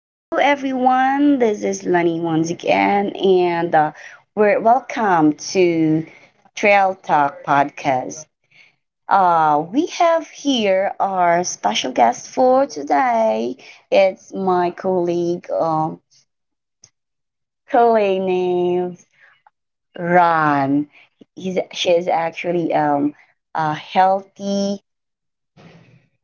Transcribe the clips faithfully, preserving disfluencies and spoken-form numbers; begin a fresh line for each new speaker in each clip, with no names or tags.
Hello, everyone. This is Lenny once again, and uh, we're welcome to Trail Talk Podcast. Uh, we have here our special guest for today. It's my colleague, um, colleague named Ron. He's she is actually um, a healthy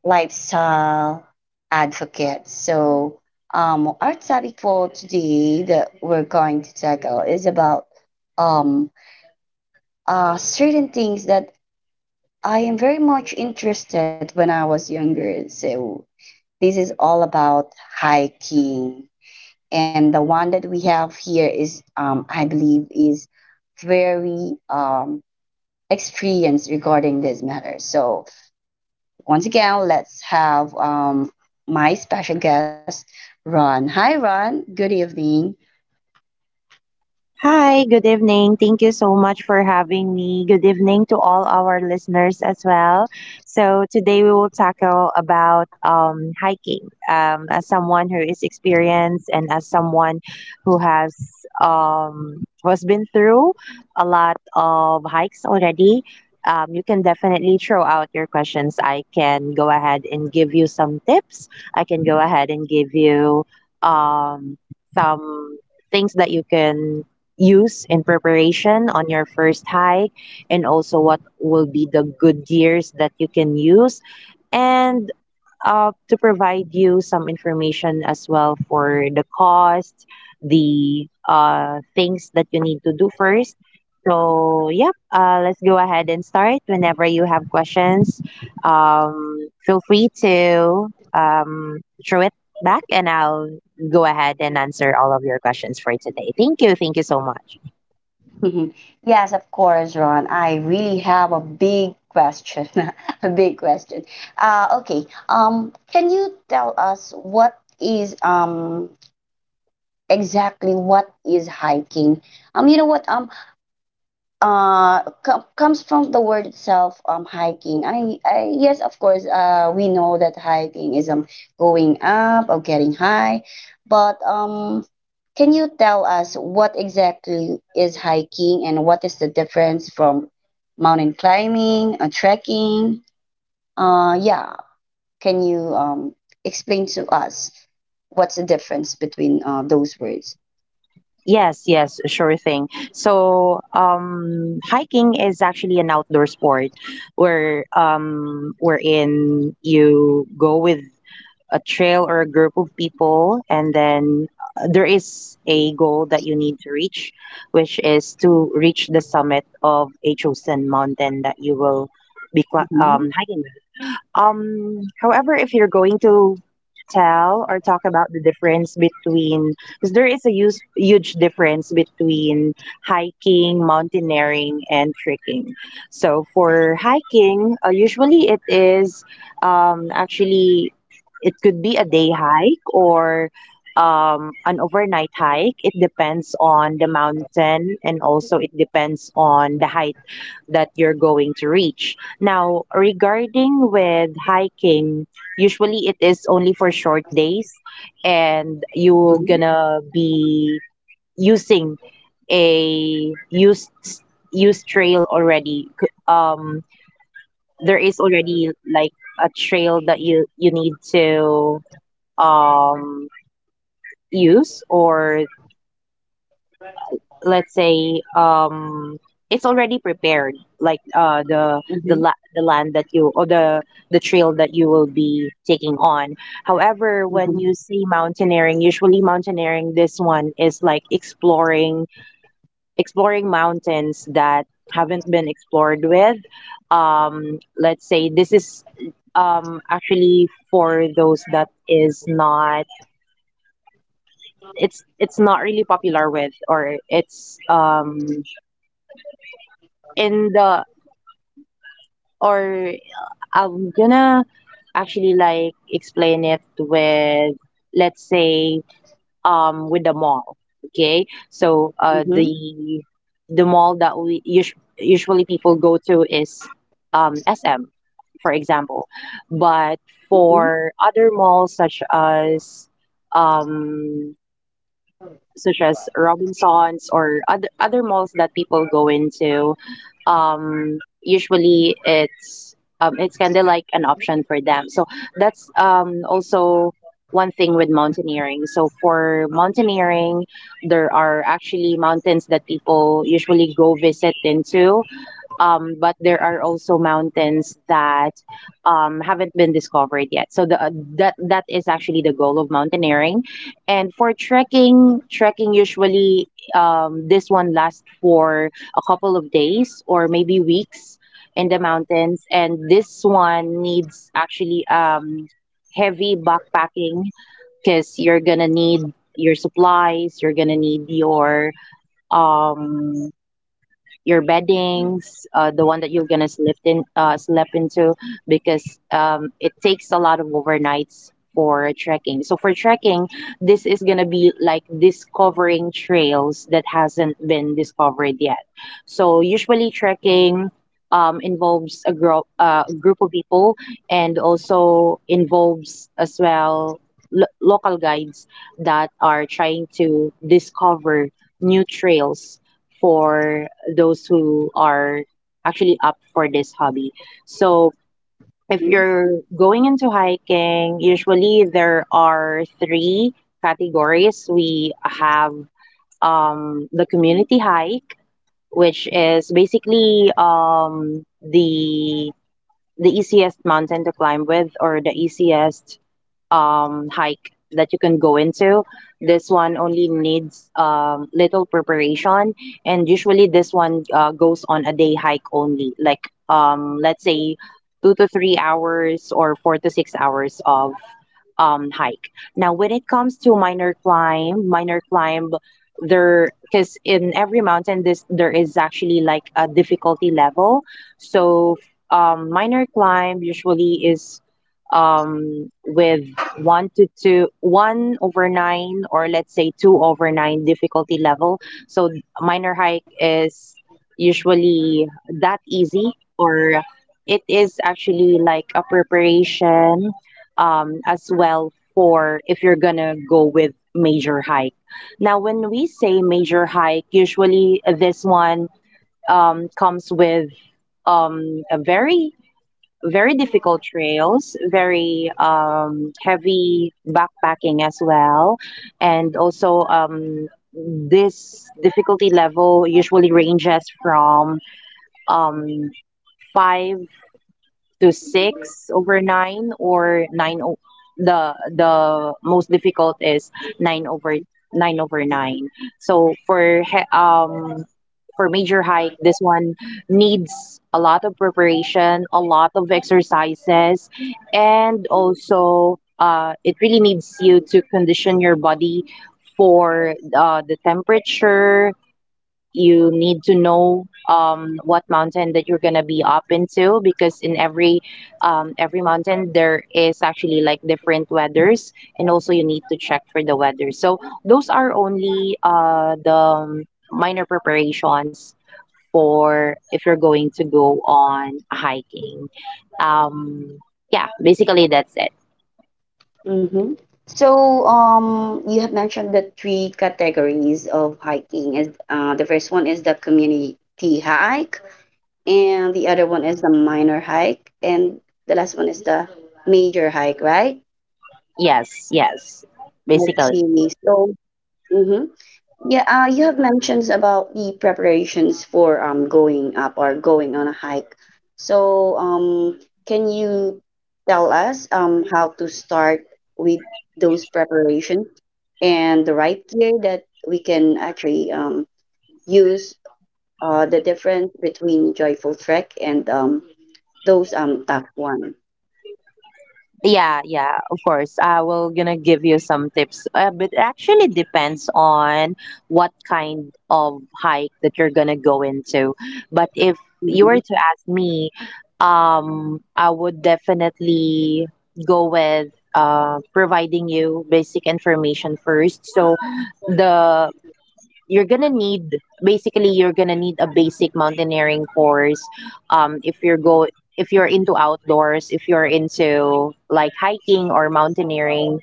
lifestyle advocate. So, um, our topic for today that we're going to tackle is about um, uh, certain things that I am very much interested when I was younger. So, this is all about hiking, and the one that we have here is, um, I believe, is very um, experienced regarding this matter. So, once again, let's have um, my special guest, Ron. Hi, Ron. Good evening.
Hi, good evening. Thank you so much for having me. Good evening to all our listeners as well. So today we will tackle about um, hiking. Um, as someone who is experienced and as someone who has um, who has been through a lot of hikes already, um, you can definitely throw out your questions. I can go ahead and give you some tips. I can go ahead and give you um, some things that you can use in preparation on your first hike, and also what will be the good gears that you can use, and uh, to provide you some information as well for the cost, the uh, things that you need to do first. So yeah, uh, let's go ahead and start whenever you have questions. Um, feel free to um, throw it back and I'll go ahead and answer all of your questions for today. Thank you. Thank you so much.
Yes, of course, Ron. I really have a big question. A big question. Uh, okay. Um, can you tell us what is um exactly what is hiking? Um, you know what? Um, uh com- comes from the word itself, um hiking. I, I yes, of course, uh we know that hiking is um going up or getting high, but um can you tell us what exactly is hiking and what is the difference from mountain climbing or trekking? uh yeah can you um explain to us what's the difference between uh, those words?
Yes, yes, sure thing. So, um, hiking is actually an outdoor sport where um, wherein you go with a trail or a group of people, and then uh, there is a goal that you need to reach, which is to reach the summit of a chosen mountain that you will be cli-
hmm
um, hiking. Um, however, if you're going to tell or talk about the difference between, because there is a use, huge difference between hiking, mountaineering, and trekking. So for hiking, uh, usually it is um, actually it could be a day hike or um, an overnight hike. It depends on the mountain and also it depends on the height that you're going to reach. Now, regarding with hiking, usually it is only for short days and you're
hmm
gonna be using a used used trail already. C- Um, there is already like a trail that you you need to um use, or let's say um it's already prepared, like uh the the la- the land that you, or the the trail that you will be taking on. However, when
hmm
you see mountaineering, usually mountaineering, this one is like exploring, exploring mountains that haven't been explored with, um let's say this is um actually for those that is not, it's it's not really popular with, or it's um in the or I'm gonna actually like explain it with, let's say, um with the mall. Okay, so uh
hmm
the the mall that we us- usually people go to is um S M, for example. But for other malls, such as um such as Robinsons or other other malls that people go into, um, usually it's um, it's kind of like an option for them. So that's um, also one thing with mountaineering. So for mountaineering, there are actually mountains that people usually go visit into, um, but there are also mountains that um, haven't been discovered yet. So the that that is actually the goal of mountaineering. And for trekking, trekking usually um, this one lasts for a couple of days or maybe weeks in the mountains, and this one needs actually um, heavy backpacking, because you're gonna need your supplies, you're gonna need your um your beddings, uh, the one that you're gonna sleep in, uh, sleep into, because um, it takes a lot of overnights for trekking. So for trekking, this is gonna be like discovering trails that hasn't been discovered yet. So usually trekking um, involves a group, uh, group of people, and also involves as well lo- local guides that are trying to discover new trails for those who are actually up for this hobby. So if
hmm
you're going into hiking, usually there are three categories. We have um, the community hike, which is basically um, the the easiest mountain to climb with, or the easiest um, hike that you can go into. This one only needs um, little preparation, and usually this one uh, goes on a day hike only, like um, let's say two to three hours or four to six hours of um, hike. Now, when it comes to minor climb, minor climb, there because in every mountain this there is actually like a difficulty level. So, um, minor climb usually is um with one to two, one over nine, or let's say two over nine difficulty level. So minor hike is usually that easy, or it is actually like a preparation um, as well for if you're gonna go with major hike. Now, when we say major hike, usually this one um, comes with um, a very very difficult trails, very um, heavy backpacking as well, and also um, this difficulty level usually ranges from um, five to six over nine, or nine o- the the most difficult is nine over nine over nine So for he- um for major hike, this one needs a lot of preparation, a lot of exercises, and also uh, it really needs you to condition your body for uh, the temperature. You need to know um, what mountain that you're gonna be up into, because in every um, every mountain there is actually like different weathers, and also you need to check for the weather. So those are only uh, the minor preparations for if you're going to go on hiking. Um, yeah, basically that's it.
hmm So, um, you have mentioned the three categories of hiking. Is uh, the first one is the community hike, and the other one is the minor hike, and the last one is the major hike, right?
Yes, yes, basically.
Okay. So, mhm. Yeah, uh, you have mentioned about the preparations for um going up or going on a hike. So, um, can you tell us um how to start with those preparation and the right gear that we can actually um use uh the difference between joyful trek and um those um tough one.
Yeah, yeah, of course. I will gonna give you some tips. Uh, but it actually depends on what kind of hike that you're gonna go into. But if you were
Mm-hmm,
to ask me, um, I would definitely go with uh, providing you basic information first. So the you're gonna need, basically you're gonna need a basic mountaineering course, um if you're go if you're into outdoors, if you're into like hiking or mountaineering,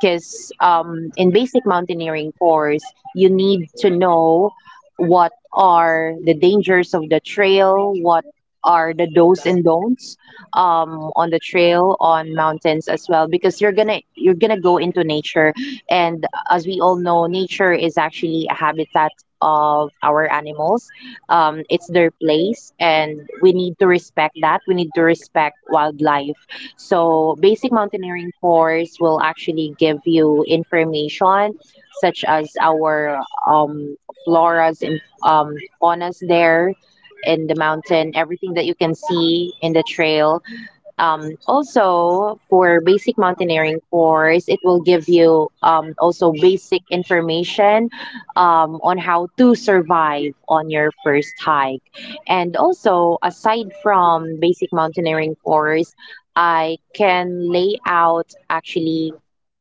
because um in basic mountaineering course, you need to know what are the dangers of the trail, what are the do's and don'ts um, on the trail, on mountains as well, because you're gonna you're gonna go into nature. And as we all know, nature is actually a habitat of our animals. Um, it's their place, and we need to respect that. We need to respect wildlife. So, basic mountaineering course will actually give you information such as our um, floras and um, faunas there in the mountain, everything that you can see in the trail. Um, also, for basic mountaineering course, it will give you um, also basic information um, on how to survive on your first hike. And also, aside from basic mountaineering course, I can lay out actually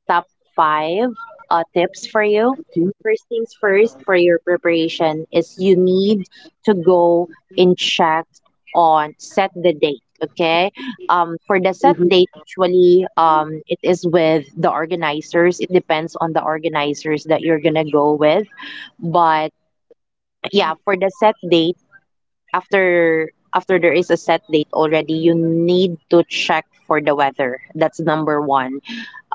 top five uh, tips for you. First things first, for your preparation, is you need to go and check on set the date. Okay. Um, for the set
mm-hmm,
date, usually um, it is with the organizers. It depends on the organizers that you're gonna go with. But yeah, for the set date, after after there is a set date already, you need to check for the weather. That's number one.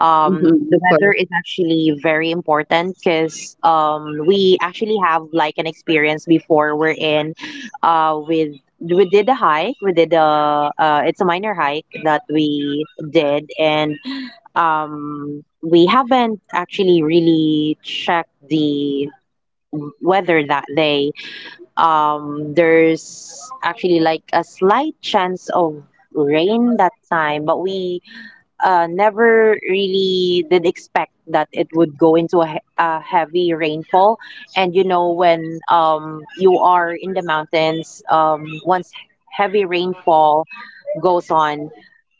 um,
mm-hmm, of
the
course.
weather is actually very important, because um, we actually have like an experience before. We're in uh, with we did a hike, we did a uh, it's a minor hike that we did. And um, we haven't actually really checked the weather that day. Um, there's actually like a slight chance of rain that time, but we uh, never really did expect that it would go into a, he- a heavy rainfall. And you know, when um, you are in the mountains, um, once heavy rainfall goes on,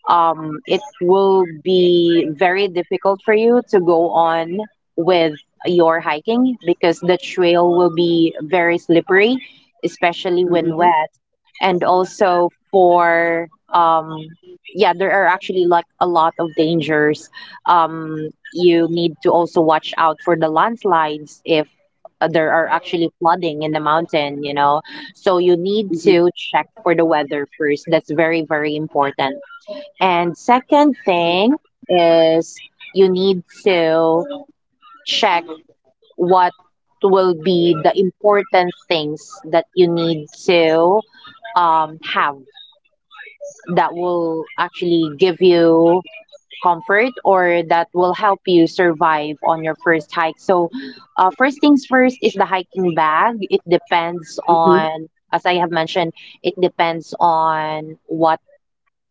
um, it will be very difficult for you to go on with your hiking, because the trail will be very slippery, especially when
Mm-hmm,
wet. And also for, um, yeah, there are actually like a lot of dangers. Um, you need to also watch out for the landslides. If uh, there are actually flooding in the mountain, you know. So you need
mm-hmm,
to check for the weather first. That's very, very important. And second thing is you need to check what will be the important things that you need to um, have, that will actually give you comfort, or that will help you survive on your first hike. So, uh, first things first is the hiking bag. It depends
mm-hmm,
on, as I have mentioned, it depends on what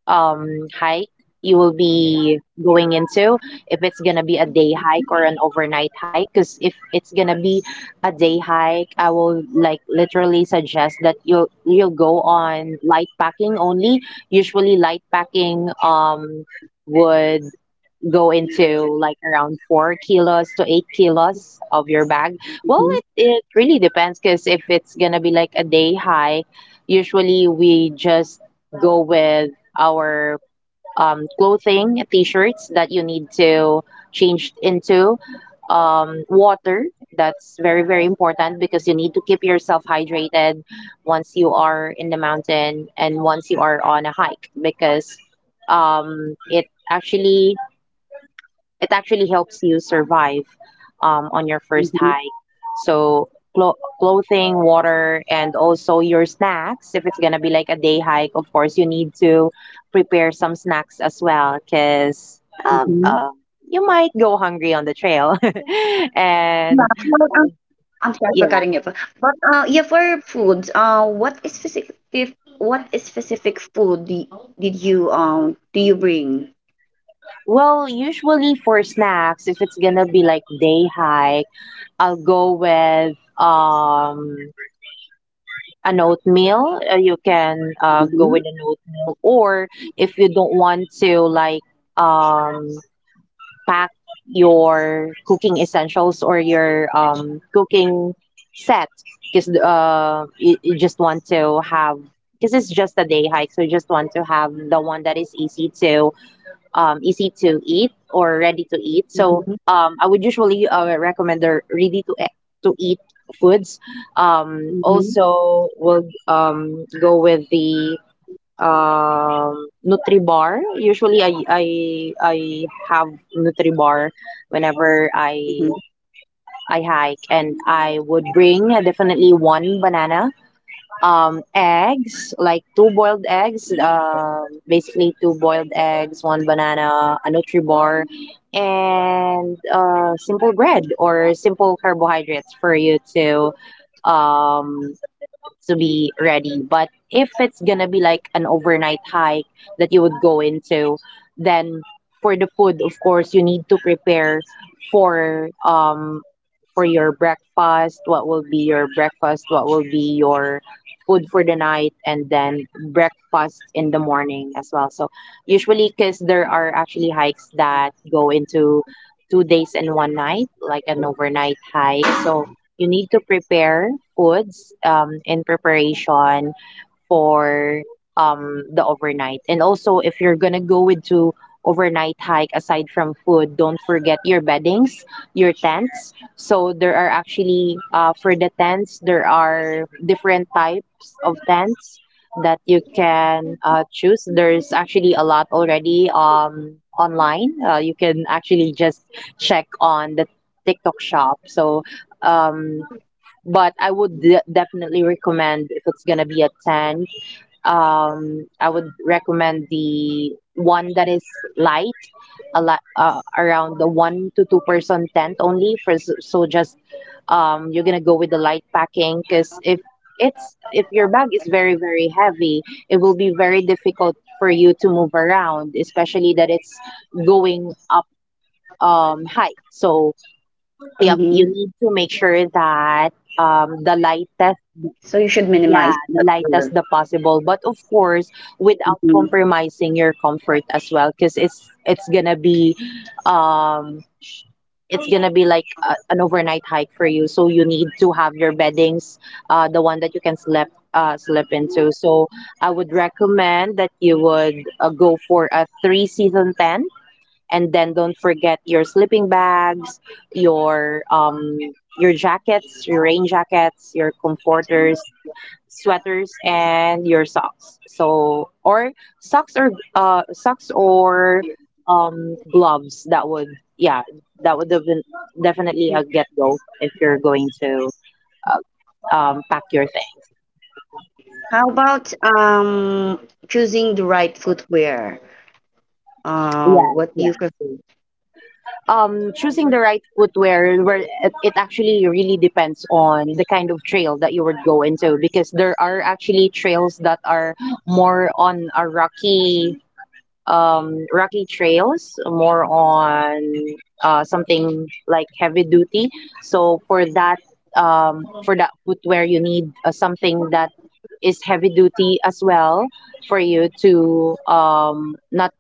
um, hike you will be going into, if it's gonna be a day hike or an overnight hike. Because if it's gonna be a day hike, I will like literally suggest that you'll you'll go on light packing only. Usually light packing um would go into like around four kilos to eight kilos of your bag. Well, it, it really depends because if it's gonna be like a day high, usually we just go with our um, clothing, t-shirts that you need to change into, um, water. That's very, very important, because you need to keep yourself hydrated once you are in the mountain and once you are on a hike, because um, it actually it actually helps you survive um, on your first
mm-hmm,
hike. So clo- clothing, water, and also your snacks. If it's gonna be like a day hike, of course you need to prepare some snacks as well, because um,
mm-hmm.
uh, you might go hungry on the trail. and
I'm sorry for
yeah,
cutting you off. But uh, yeah, for food, uh, what is specific if- what is specific food did, did you um do you bring?
well, usually for snacks, if it's gonna be like day hike, I'll go with um an oatmeal. Uh, you can uh, go
Mm-hmm.
with an oatmeal, or if you don't want to, like, um, pack your cooking essentials or your um, cooking set, because uh, you, you just want to have. Because it's just a day hike, so you just want to have the one that is easy to, um, easy to eat or ready to eat. So
Mm-hmm.
um, I would usually uh, recommend the ready to e- to eat foods. Um,
Mm-hmm.
also, will um, go with the um, NutriBar. Usually, I I I have NutriBar whenever
Mm-hmm.
I I hike, and I would bring definitely one banana, um, eggs, like two boiled eggs, um, basically two boiled eggs, one banana, a Nutribor, and uh, simple bread or simple carbohydrates for you to, um, to be ready. But if it's gonna be like an overnight hike that you would go into, then for the food, of course, you need to prepare for um for your breakfast. What will be your breakfast? What will be your food for the night? And then breakfast in the morning as well. So usually, because there are actually hikes that go into two days and one night, like an overnight hike. So you need to prepare foods um, in preparation for um, the overnight. And also, if you're gonna go with to overnight hike, aside from food, don't forget your beddings, your tents. So there are actually, uh, for the tents, there are different types of tents that you can uh, choose. There's actually a lot already um, online. Uh, you can actually just check on the TikTok shop. So um but I would de- definitely recommend if it's gonna be a ten. Um, I would recommend the one that is light, a lot, uh, around the one to two percent tent only, for s- so just um you're gonna go with the light packing, because if it's if your bag is very very heavy, it will be very difficult for you to move around, especially that it's going up um high. So yep, you
Mm-hmm.
need to make sure that
So you
um, the
should minimize.
lightest,
What you're-
yeah, the lightest the possible, but of course,
Mhm.
without compromising your comfort as well, because it's it's gonna be, um, it's gonna be like a, an overnight hike for you. So you need to have your beddings, uh, the one that you can slip, uh slip into. So I would recommend that you would uh, go for a three season tent, and then don't forget your sleeping bags, your um your jackets, your rain jackets, your comforters, sweaters, and your socks. So, or socks or uh socks or um gloves. That would yeah that would have been definitely a get go if you're going to uh, um pack your thing.
How about um choosing the right footwear? Uh,
Yeah,
what do you
yeah.
prefer?
Um, choosing the right footwear, where it, it actually really depends on the kind of trail that you would go into, because there are actually trails that are more on a rocky um, rocky trails, more on uh, something like heavy duty. So for that, um, for that footwear, you need uh, something that is heavy duty as well for you to, um, not,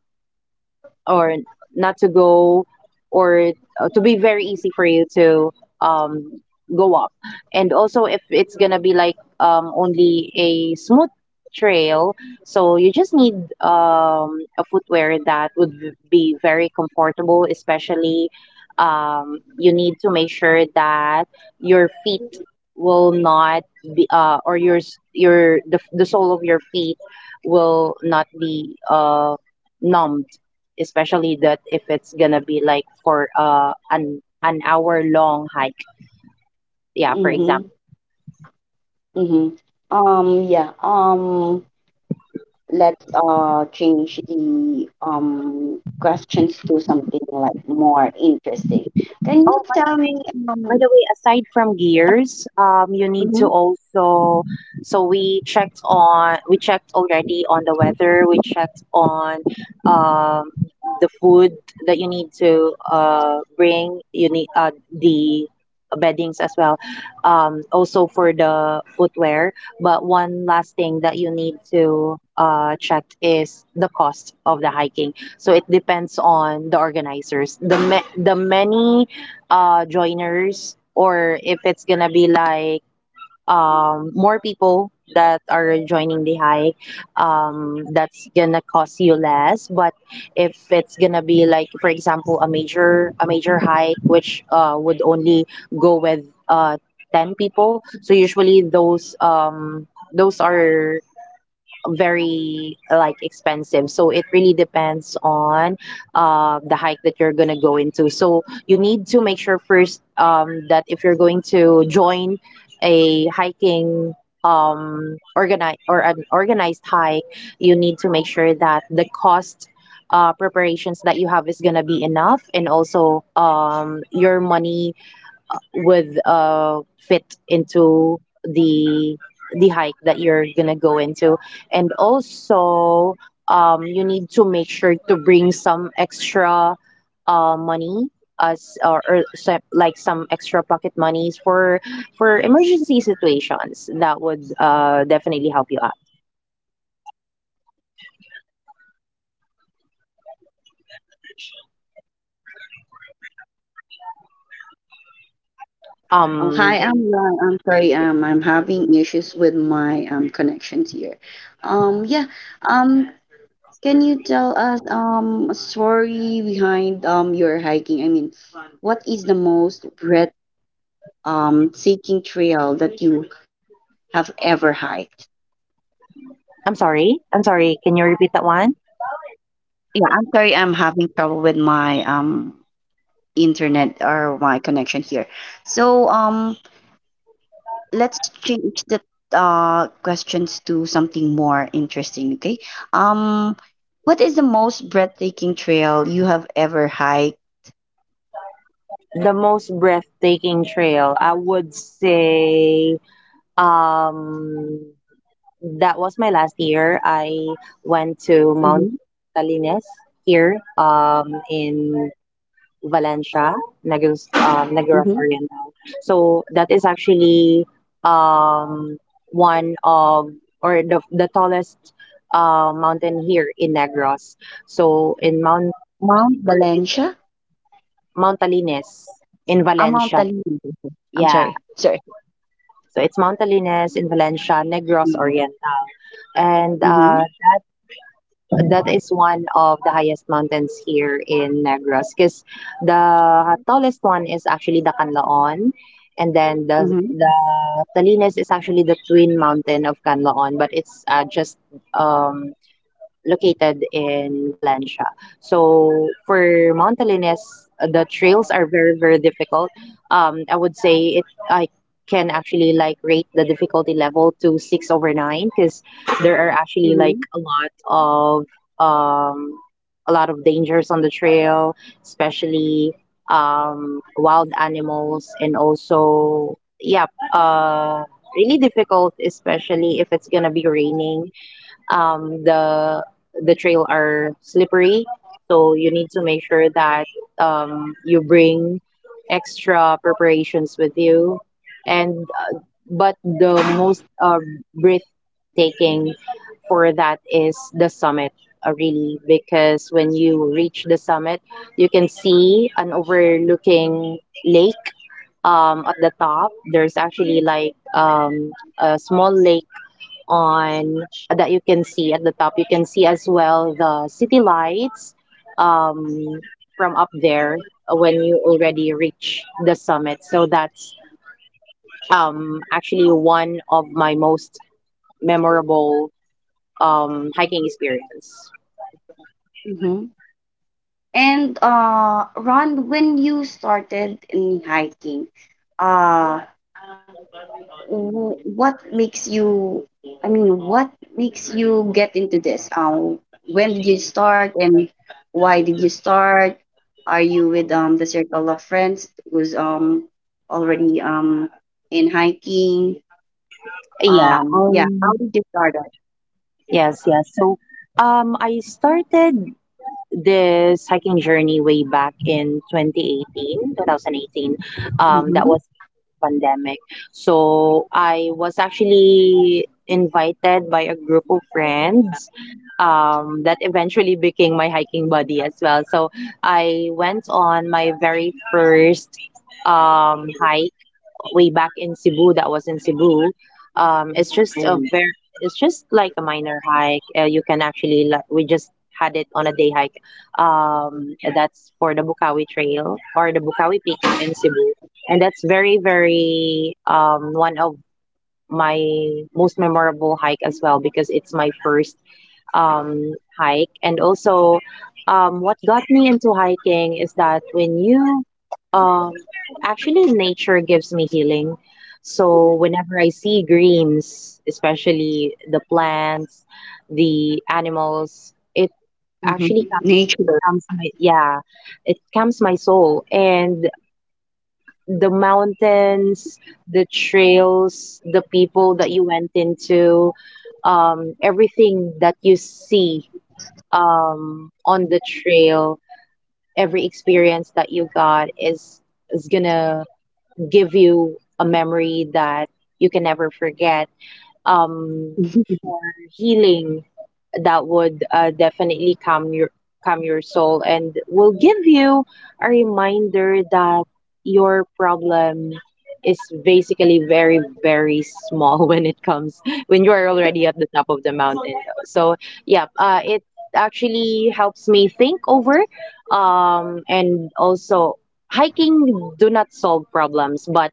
or not to go, or uh, to be very easy for you to um, go up. And also, if it's gonna be like um, only a smooth trail, so you just need um, a footwear that would v- be very comfortable, especially. Um, you need to make sure that your feet will not be, uh, or your s- your the, the sole of your feet will not be uh, numb, especially that if it's gonna be like for uh an an hour long hike. Yeah, for example.
Mm-hmm. Mm-hmm. Um, yeah. Um, let's uh change the um questions to something like more interesting. Can you
Oh, by the
tell
way,
me
by
um
the way, aside from gears, um, you need to
mhm.
also. So we checked on, we checked already on the weather. We checked on um, the food that you need to uh bring. You need uh the beddings as well. Um, also for the footwear. But one last thing that you need to uh check is the cost of the hiking. So it depends on the organizers. The ma- the many uh joiners, or if it's gonna be like um more people that are joining the hike, um that's gonna cost you less, but if it's gonna be like, for example, a major a major hike which uh would only go with uh ten people, so usually those um those are very, like, expensive, so it really depends on uh, the hike that you're gonna go into, so you need to make sure first um, that if you're going to join a hiking, um, organize or an organized hike, you need to make sure that the cost, uh, preparations that you have is gonna be enough, and also um, your money would uh, fit into the the hike that you're gonna go into, and also um, you need to make sure to bring some extra uh, money as, or, or se- like some extra pocket monies for for emergency situations that would uh, definitely help you out.
Oh,
um
hi, I'm Ron. I'm sorry, um I'm having issues with my um connections here. Um yeah, um can you tell us um a story behind um your hiking? I mean, what is the most breath um seeking trail that you have ever hiked?
I'm sorry. I'm sorry. Can you repeat that one?
Yeah, I'm sorry, I'm having trouble with my um internet or my connection here. So um let's change the uh questions to something more interesting, okay? Um what is the most breathtaking trail you have ever hiked?
The most breathtaking trail, I would say, um, that was my last year. I went to Mount
Mm-hmm,
Talines here, um, in Valencia, Negros, um, Negros
mm-hmm.
Oriental. So that is actually um, one of, or the, the tallest uh, mountain here in Negros. So in Mount,
Mount
or it,
Valencia?
Mount Talines in
Ah, Mount
Valencia,
Taliban. I'm
yeah.
sorry. Sorry.
So it's Mount Talines in Valencia, Negros
Mm-hmm,
Oriental, and
mm-hmm,
uh, that is one of the highest mountains here in Negros because the tallest one is actually the Canlaon, and then the the Talines is actually the twin mountain of Canlaon, but it's uh, just um, located in Valencia. So for Montelines, the trails are very very difficult. Um, I would say it I can actually, like, rate the difficulty level to six over nine, because there are actually, like,
mm-hmm,
a lot of um a lot of dangers on the trail, especially um wild animals, and also, yeah, uh really difficult, especially if it's gonna be raining. Um, the the trail are slippery, so you need to make sure that um, you bring extra preparations with you. And uh, But the most uh, breathtaking for that is the summit, uh, really, because when you reach the summit you can see an overlooking lake. Um, at the top, there's actually, like, um, a small lake on that you can see at the top. You can see as well the city lights um, from up there, when you already reach the summit. So that's um, actually one of my most memorable um, hiking experience.
mm-hmm. And uh Ron, when you started in hiking, uh w- what makes you, I mean, what makes you get into this, um when did you start and why did you start? Are you with um the circle of friends who's um already um in hiking?
Yeah.
um yeah how
Um,
did you start it?
yes. Yes. So um, I started this hiking journey way back in twenty eighteen, two thousand eighteen. Um, that
Mm-hmm.
was pandemic. So I was actually invited by a group of friends um, that eventually became my hiking buddy as well. So I went on my very first um, hike way back in Cebu, that was in Cebu. Um, it's just a very it's just like a minor hike. Uh, you can actually, like, we just had it on a day hike. Um, that's for the Bukawi Trail or the Bukawi Peak in Cebu, and that's very very, um, one of my most memorable hike as well, because it's my first um, hike. And also, um, what got me into hiking is that when you, um, actually, nature gives me healing. So whenever I see greens, especially the plants, the animals, it
Mm-hmm.
actually comes,
Nature.
comes my, yeah, it calms my soul. And the mountains, the trails, the people that you went into, um, everything that you see um, on the trail, every experience that you got is is gonna give you a memory that you can never forget, um, for healing that would uh, definitely calm your calm your soul, and will give you a reminder that your problem is basically very very small when it comes when you are already at the top of the mountain, though. So yeah, uh, it actually helps me think over, um, and also, hiking do not solve problems, but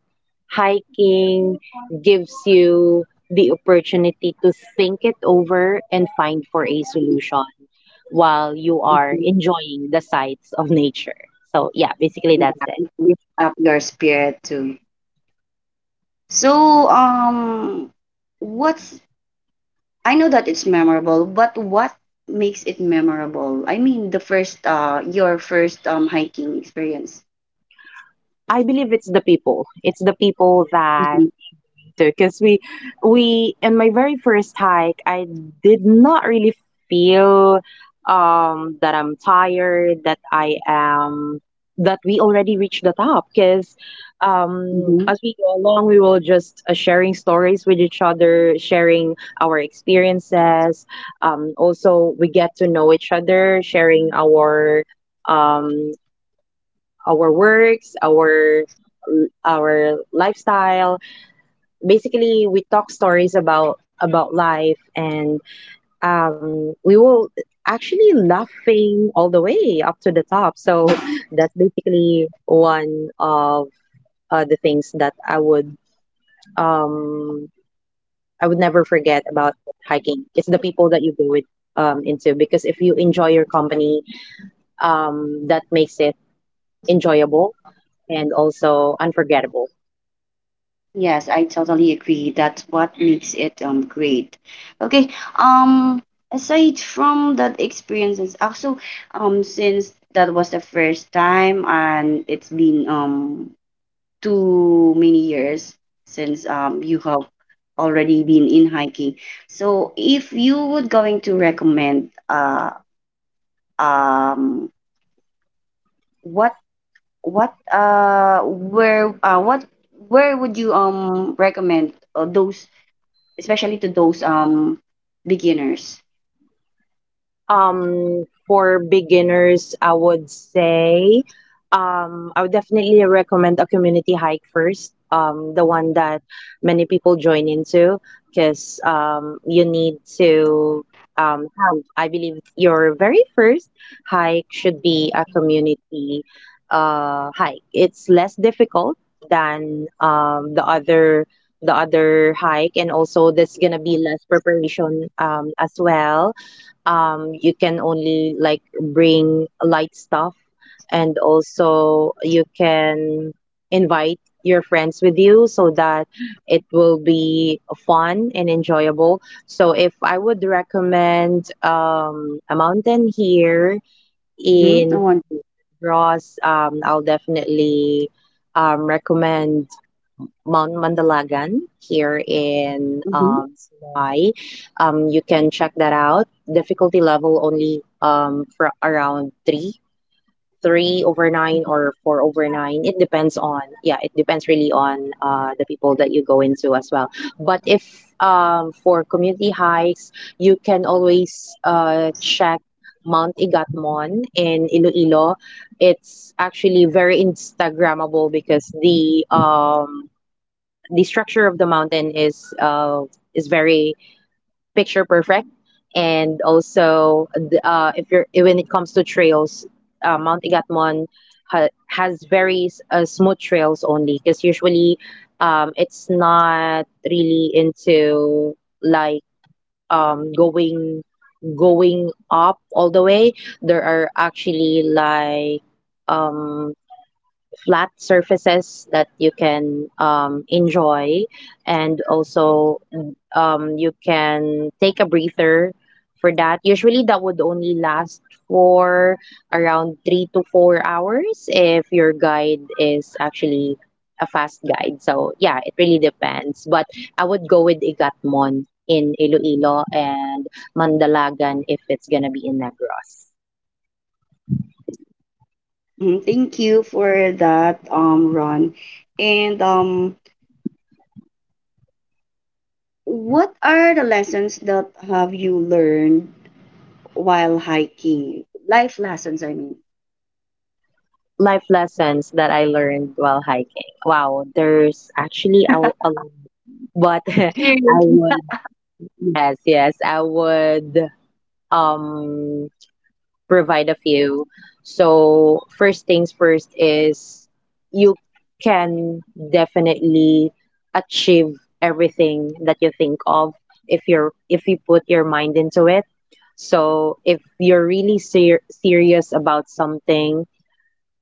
hiking gives you the opportunity to think it over and find for a solution while you are enjoying the sights of nature. So yeah, basically that's it.
Yeah, lift up your spirit too. So um what's I know that it's memorable, but what makes it memorable? I mean, the first, uh, your first um, hiking experience.
I believe it's the people. It's the people that
Mhm,
To, because we we in my very first hike i did not really feel um that i'm tired, that I am that we already reached the top. Because um
mhm.
as we go along, we will just uh, sharing stories with each other, sharing our experiences. Um also, we get to know each other, sharing our um our works, our our lifestyle. Basically, we talk stories about about life. And um, we will actually laughing all the way up to the top. So that's basically one of uh, the things that i would um, i would never forget about hiking. It's the people that you go with, um, into because if you enjoy your company, um, that makes it enjoyable and also unforgettable.
Yes, I totally agree. That's what makes it um great. Okay. Um, aside from that experiences, also um, since that was the first time and it's been um too many years since um, you have already been in hiking. So if you would going to recommend uh, um, what what uh where uh what where would you um recommend uh, those, especially to those um beginners?
Um, for beginners, I would say um, I would definitely recommend a community hike first, um, the one that many people join into. Because um, you need to um, have, I believe, your very first hike should be a community uh, hike. It's less difficult than um, the other the other hike, and also there's gonna be less preparation um, as well. Um, you can only like bring light stuff, and also you can invite your friends with you, so that it will be fun and enjoyable. So if I would recommend um, a mountain here
Mm-hmm.
in
I want to.
ross, um, I'll definitely um, recommend Mount Mandalagan here in
Mm-hmm.
um, Hawaii. Um, you can check that out. Difficulty level only um, for around three, three over nine or four over nine. It depends on, yeah, it depends really on uh, the people that you go into as well. But if um, for community hikes, you can always uh, check Mount Igatmon in Iloilo. It's actually very Instagrammable because the um, the structure of the mountain is uh, is very picture perfect. And also the, uh, if you're, when it comes to trails, uh, Mount Igatmon ha- has very s- uh, smooth trails only. Because usually um, it's not really into like um, going going up all the way. There are actually like um flat surfaces that you can um, enjoy, and also um, you can take a breather for that. Usually that would only last for around three to four hours if your guide is actually a fast guide. So yeah, it really depends. But I would go with igatmon in iloilo and mandalagan if it's gonna be in negros.
Mm-hmm. Thank you for that, um, Ron. And um, what are the lessons that have you learned while hiking? Life lessons, I mean.
Life lessons that I learned while hiking. Wow, there's actually a, a what I
Seriously.
would, yes, yes, I would um provide a few. So first things first is you can definitely achieve everything that you think of if you're if you put your mind into it. So if you're really ser- serious about something,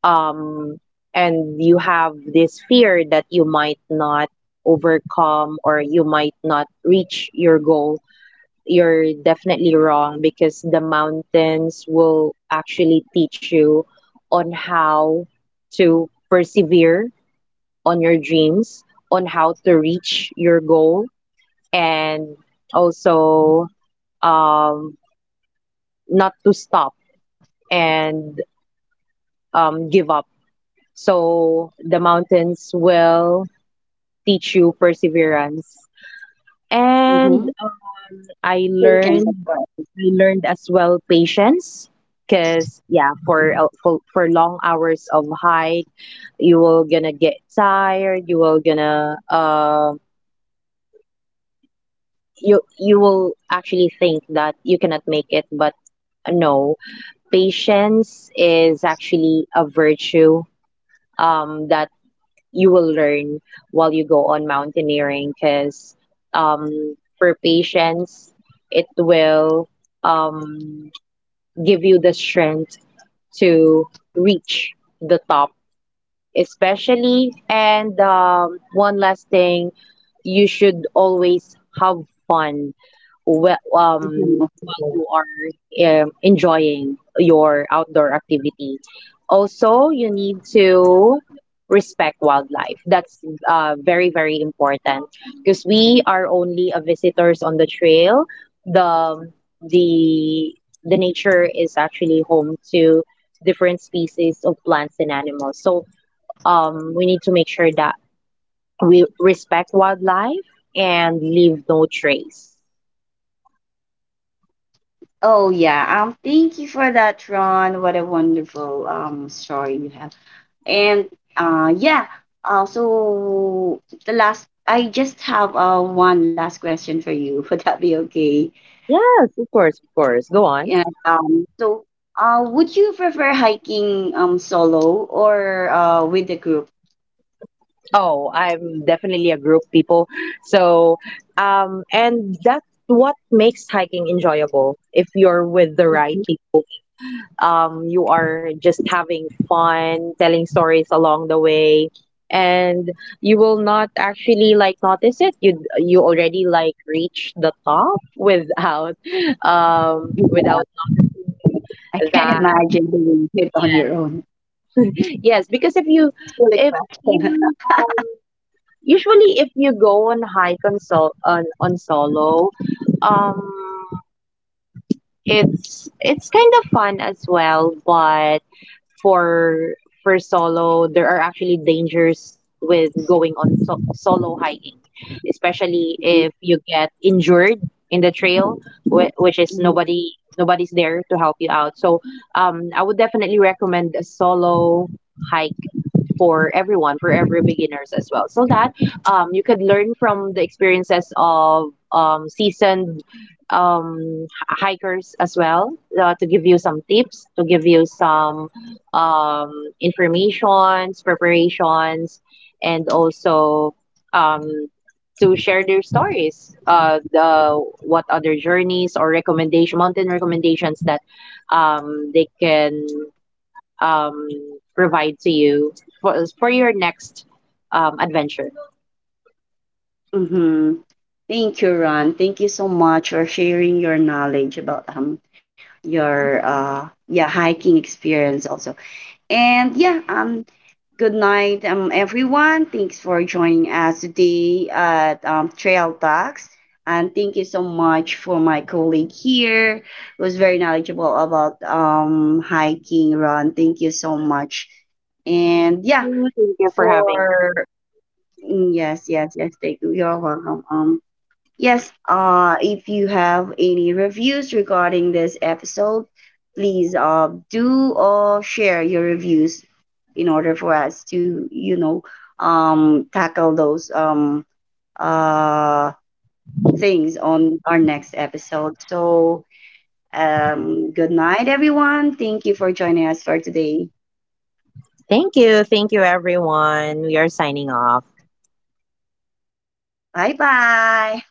um, and you have this fear that you might not overcome, or you might not reach your goal, you're definitely wrong. Because the mountains will actually teach you on how to persevere on your dreams, on how to reach your goal, and also um, not to stop and um, give up. So the mountains will teach you perseverance. And
Mm-hmm.
I
Patience, of
learned,
course.
I learned as well, patience. Because yeah, for, uh, for for long hours of hike, you will gonna get tired, you will gonna uh you you will actually think that you cannot make it. But no, patience is actually a virtue um that you will learn while you go on mountaineering. Because um, for patience, it will um, give you the strength to reach the top especially. And um, one last thing, you should always have fun wh- um,
Mhm.
while you are um, enjoying your outdoor activity. Also, you need to respect wildlife. That's uh, very, very important, because we are only a visitors on the trail. The um, the the nature is actually home to different species of plants and animals. So um, we need to make sure that we respect wildlife and leave no trace.
Oh yeah. Um, thank you for that, Ron. What a wonderful um story you have. And uh yeah. Uh, so the last, I just have uh one last question for you. Would that be okay?
Yes, of course, of course. Go on.
Yeah. Um so uh would you prefer hiking um solo or uh with the group?
Oh, I'm definitely a group people. So, um, and that's what makes hiking enjoyable if you're with the right people. Um, you are just having fun, telling stories along the way, and you will not actually like notice it. You you already like reach the top without um,
Yeah,
without
I can
that.
imagine doing it on your own.
Yes, because if you
Really
if
question.
you usually if you go on hike on sol on, on solo, um, it's it's kind of fun as well. But for for solo, there are actually dangers with going on so- solo hiking, especially if you get injured in the trail, wh- which is
Mhm.
nobody nobody's there to help you out. So um, I would definitely recommend a solo hike for everyone, for every beginners as well. So that um, you could learn from the experiences of um, seasoned um, h- hikers as well, uh, to give you some tips, to give you some um, informations, preparations, and also um, to share their stories, uh, the what other journeys or recommendation mountain recommendations that um, they can um, provide to you for, for your next um, adventure.
Mhm. Thank you, Ron. Thank you so much for sharing your knowledge about um your uh yeah hiking experience also. And yeah, um good night, um everyone. Thanks for joining us today at um Trail Talks. And thank you so much for my colleague here who's very knowledgeable about um hiking, Ron. Thank you so much. And yeah,
Thank you Thank you for having me.
for mm, yes, yes, yes, they do. You're welcome. Um, yes, uh, if you have any reviews regarding this episode, please uh do uh share your reviews in order for us to, you know, um tackle those um uh things on our next episode. So, um, good night, everyone. Thank you for joining us for today.
Thank you. Thank you, everyone. We are signing off.
Bye bye.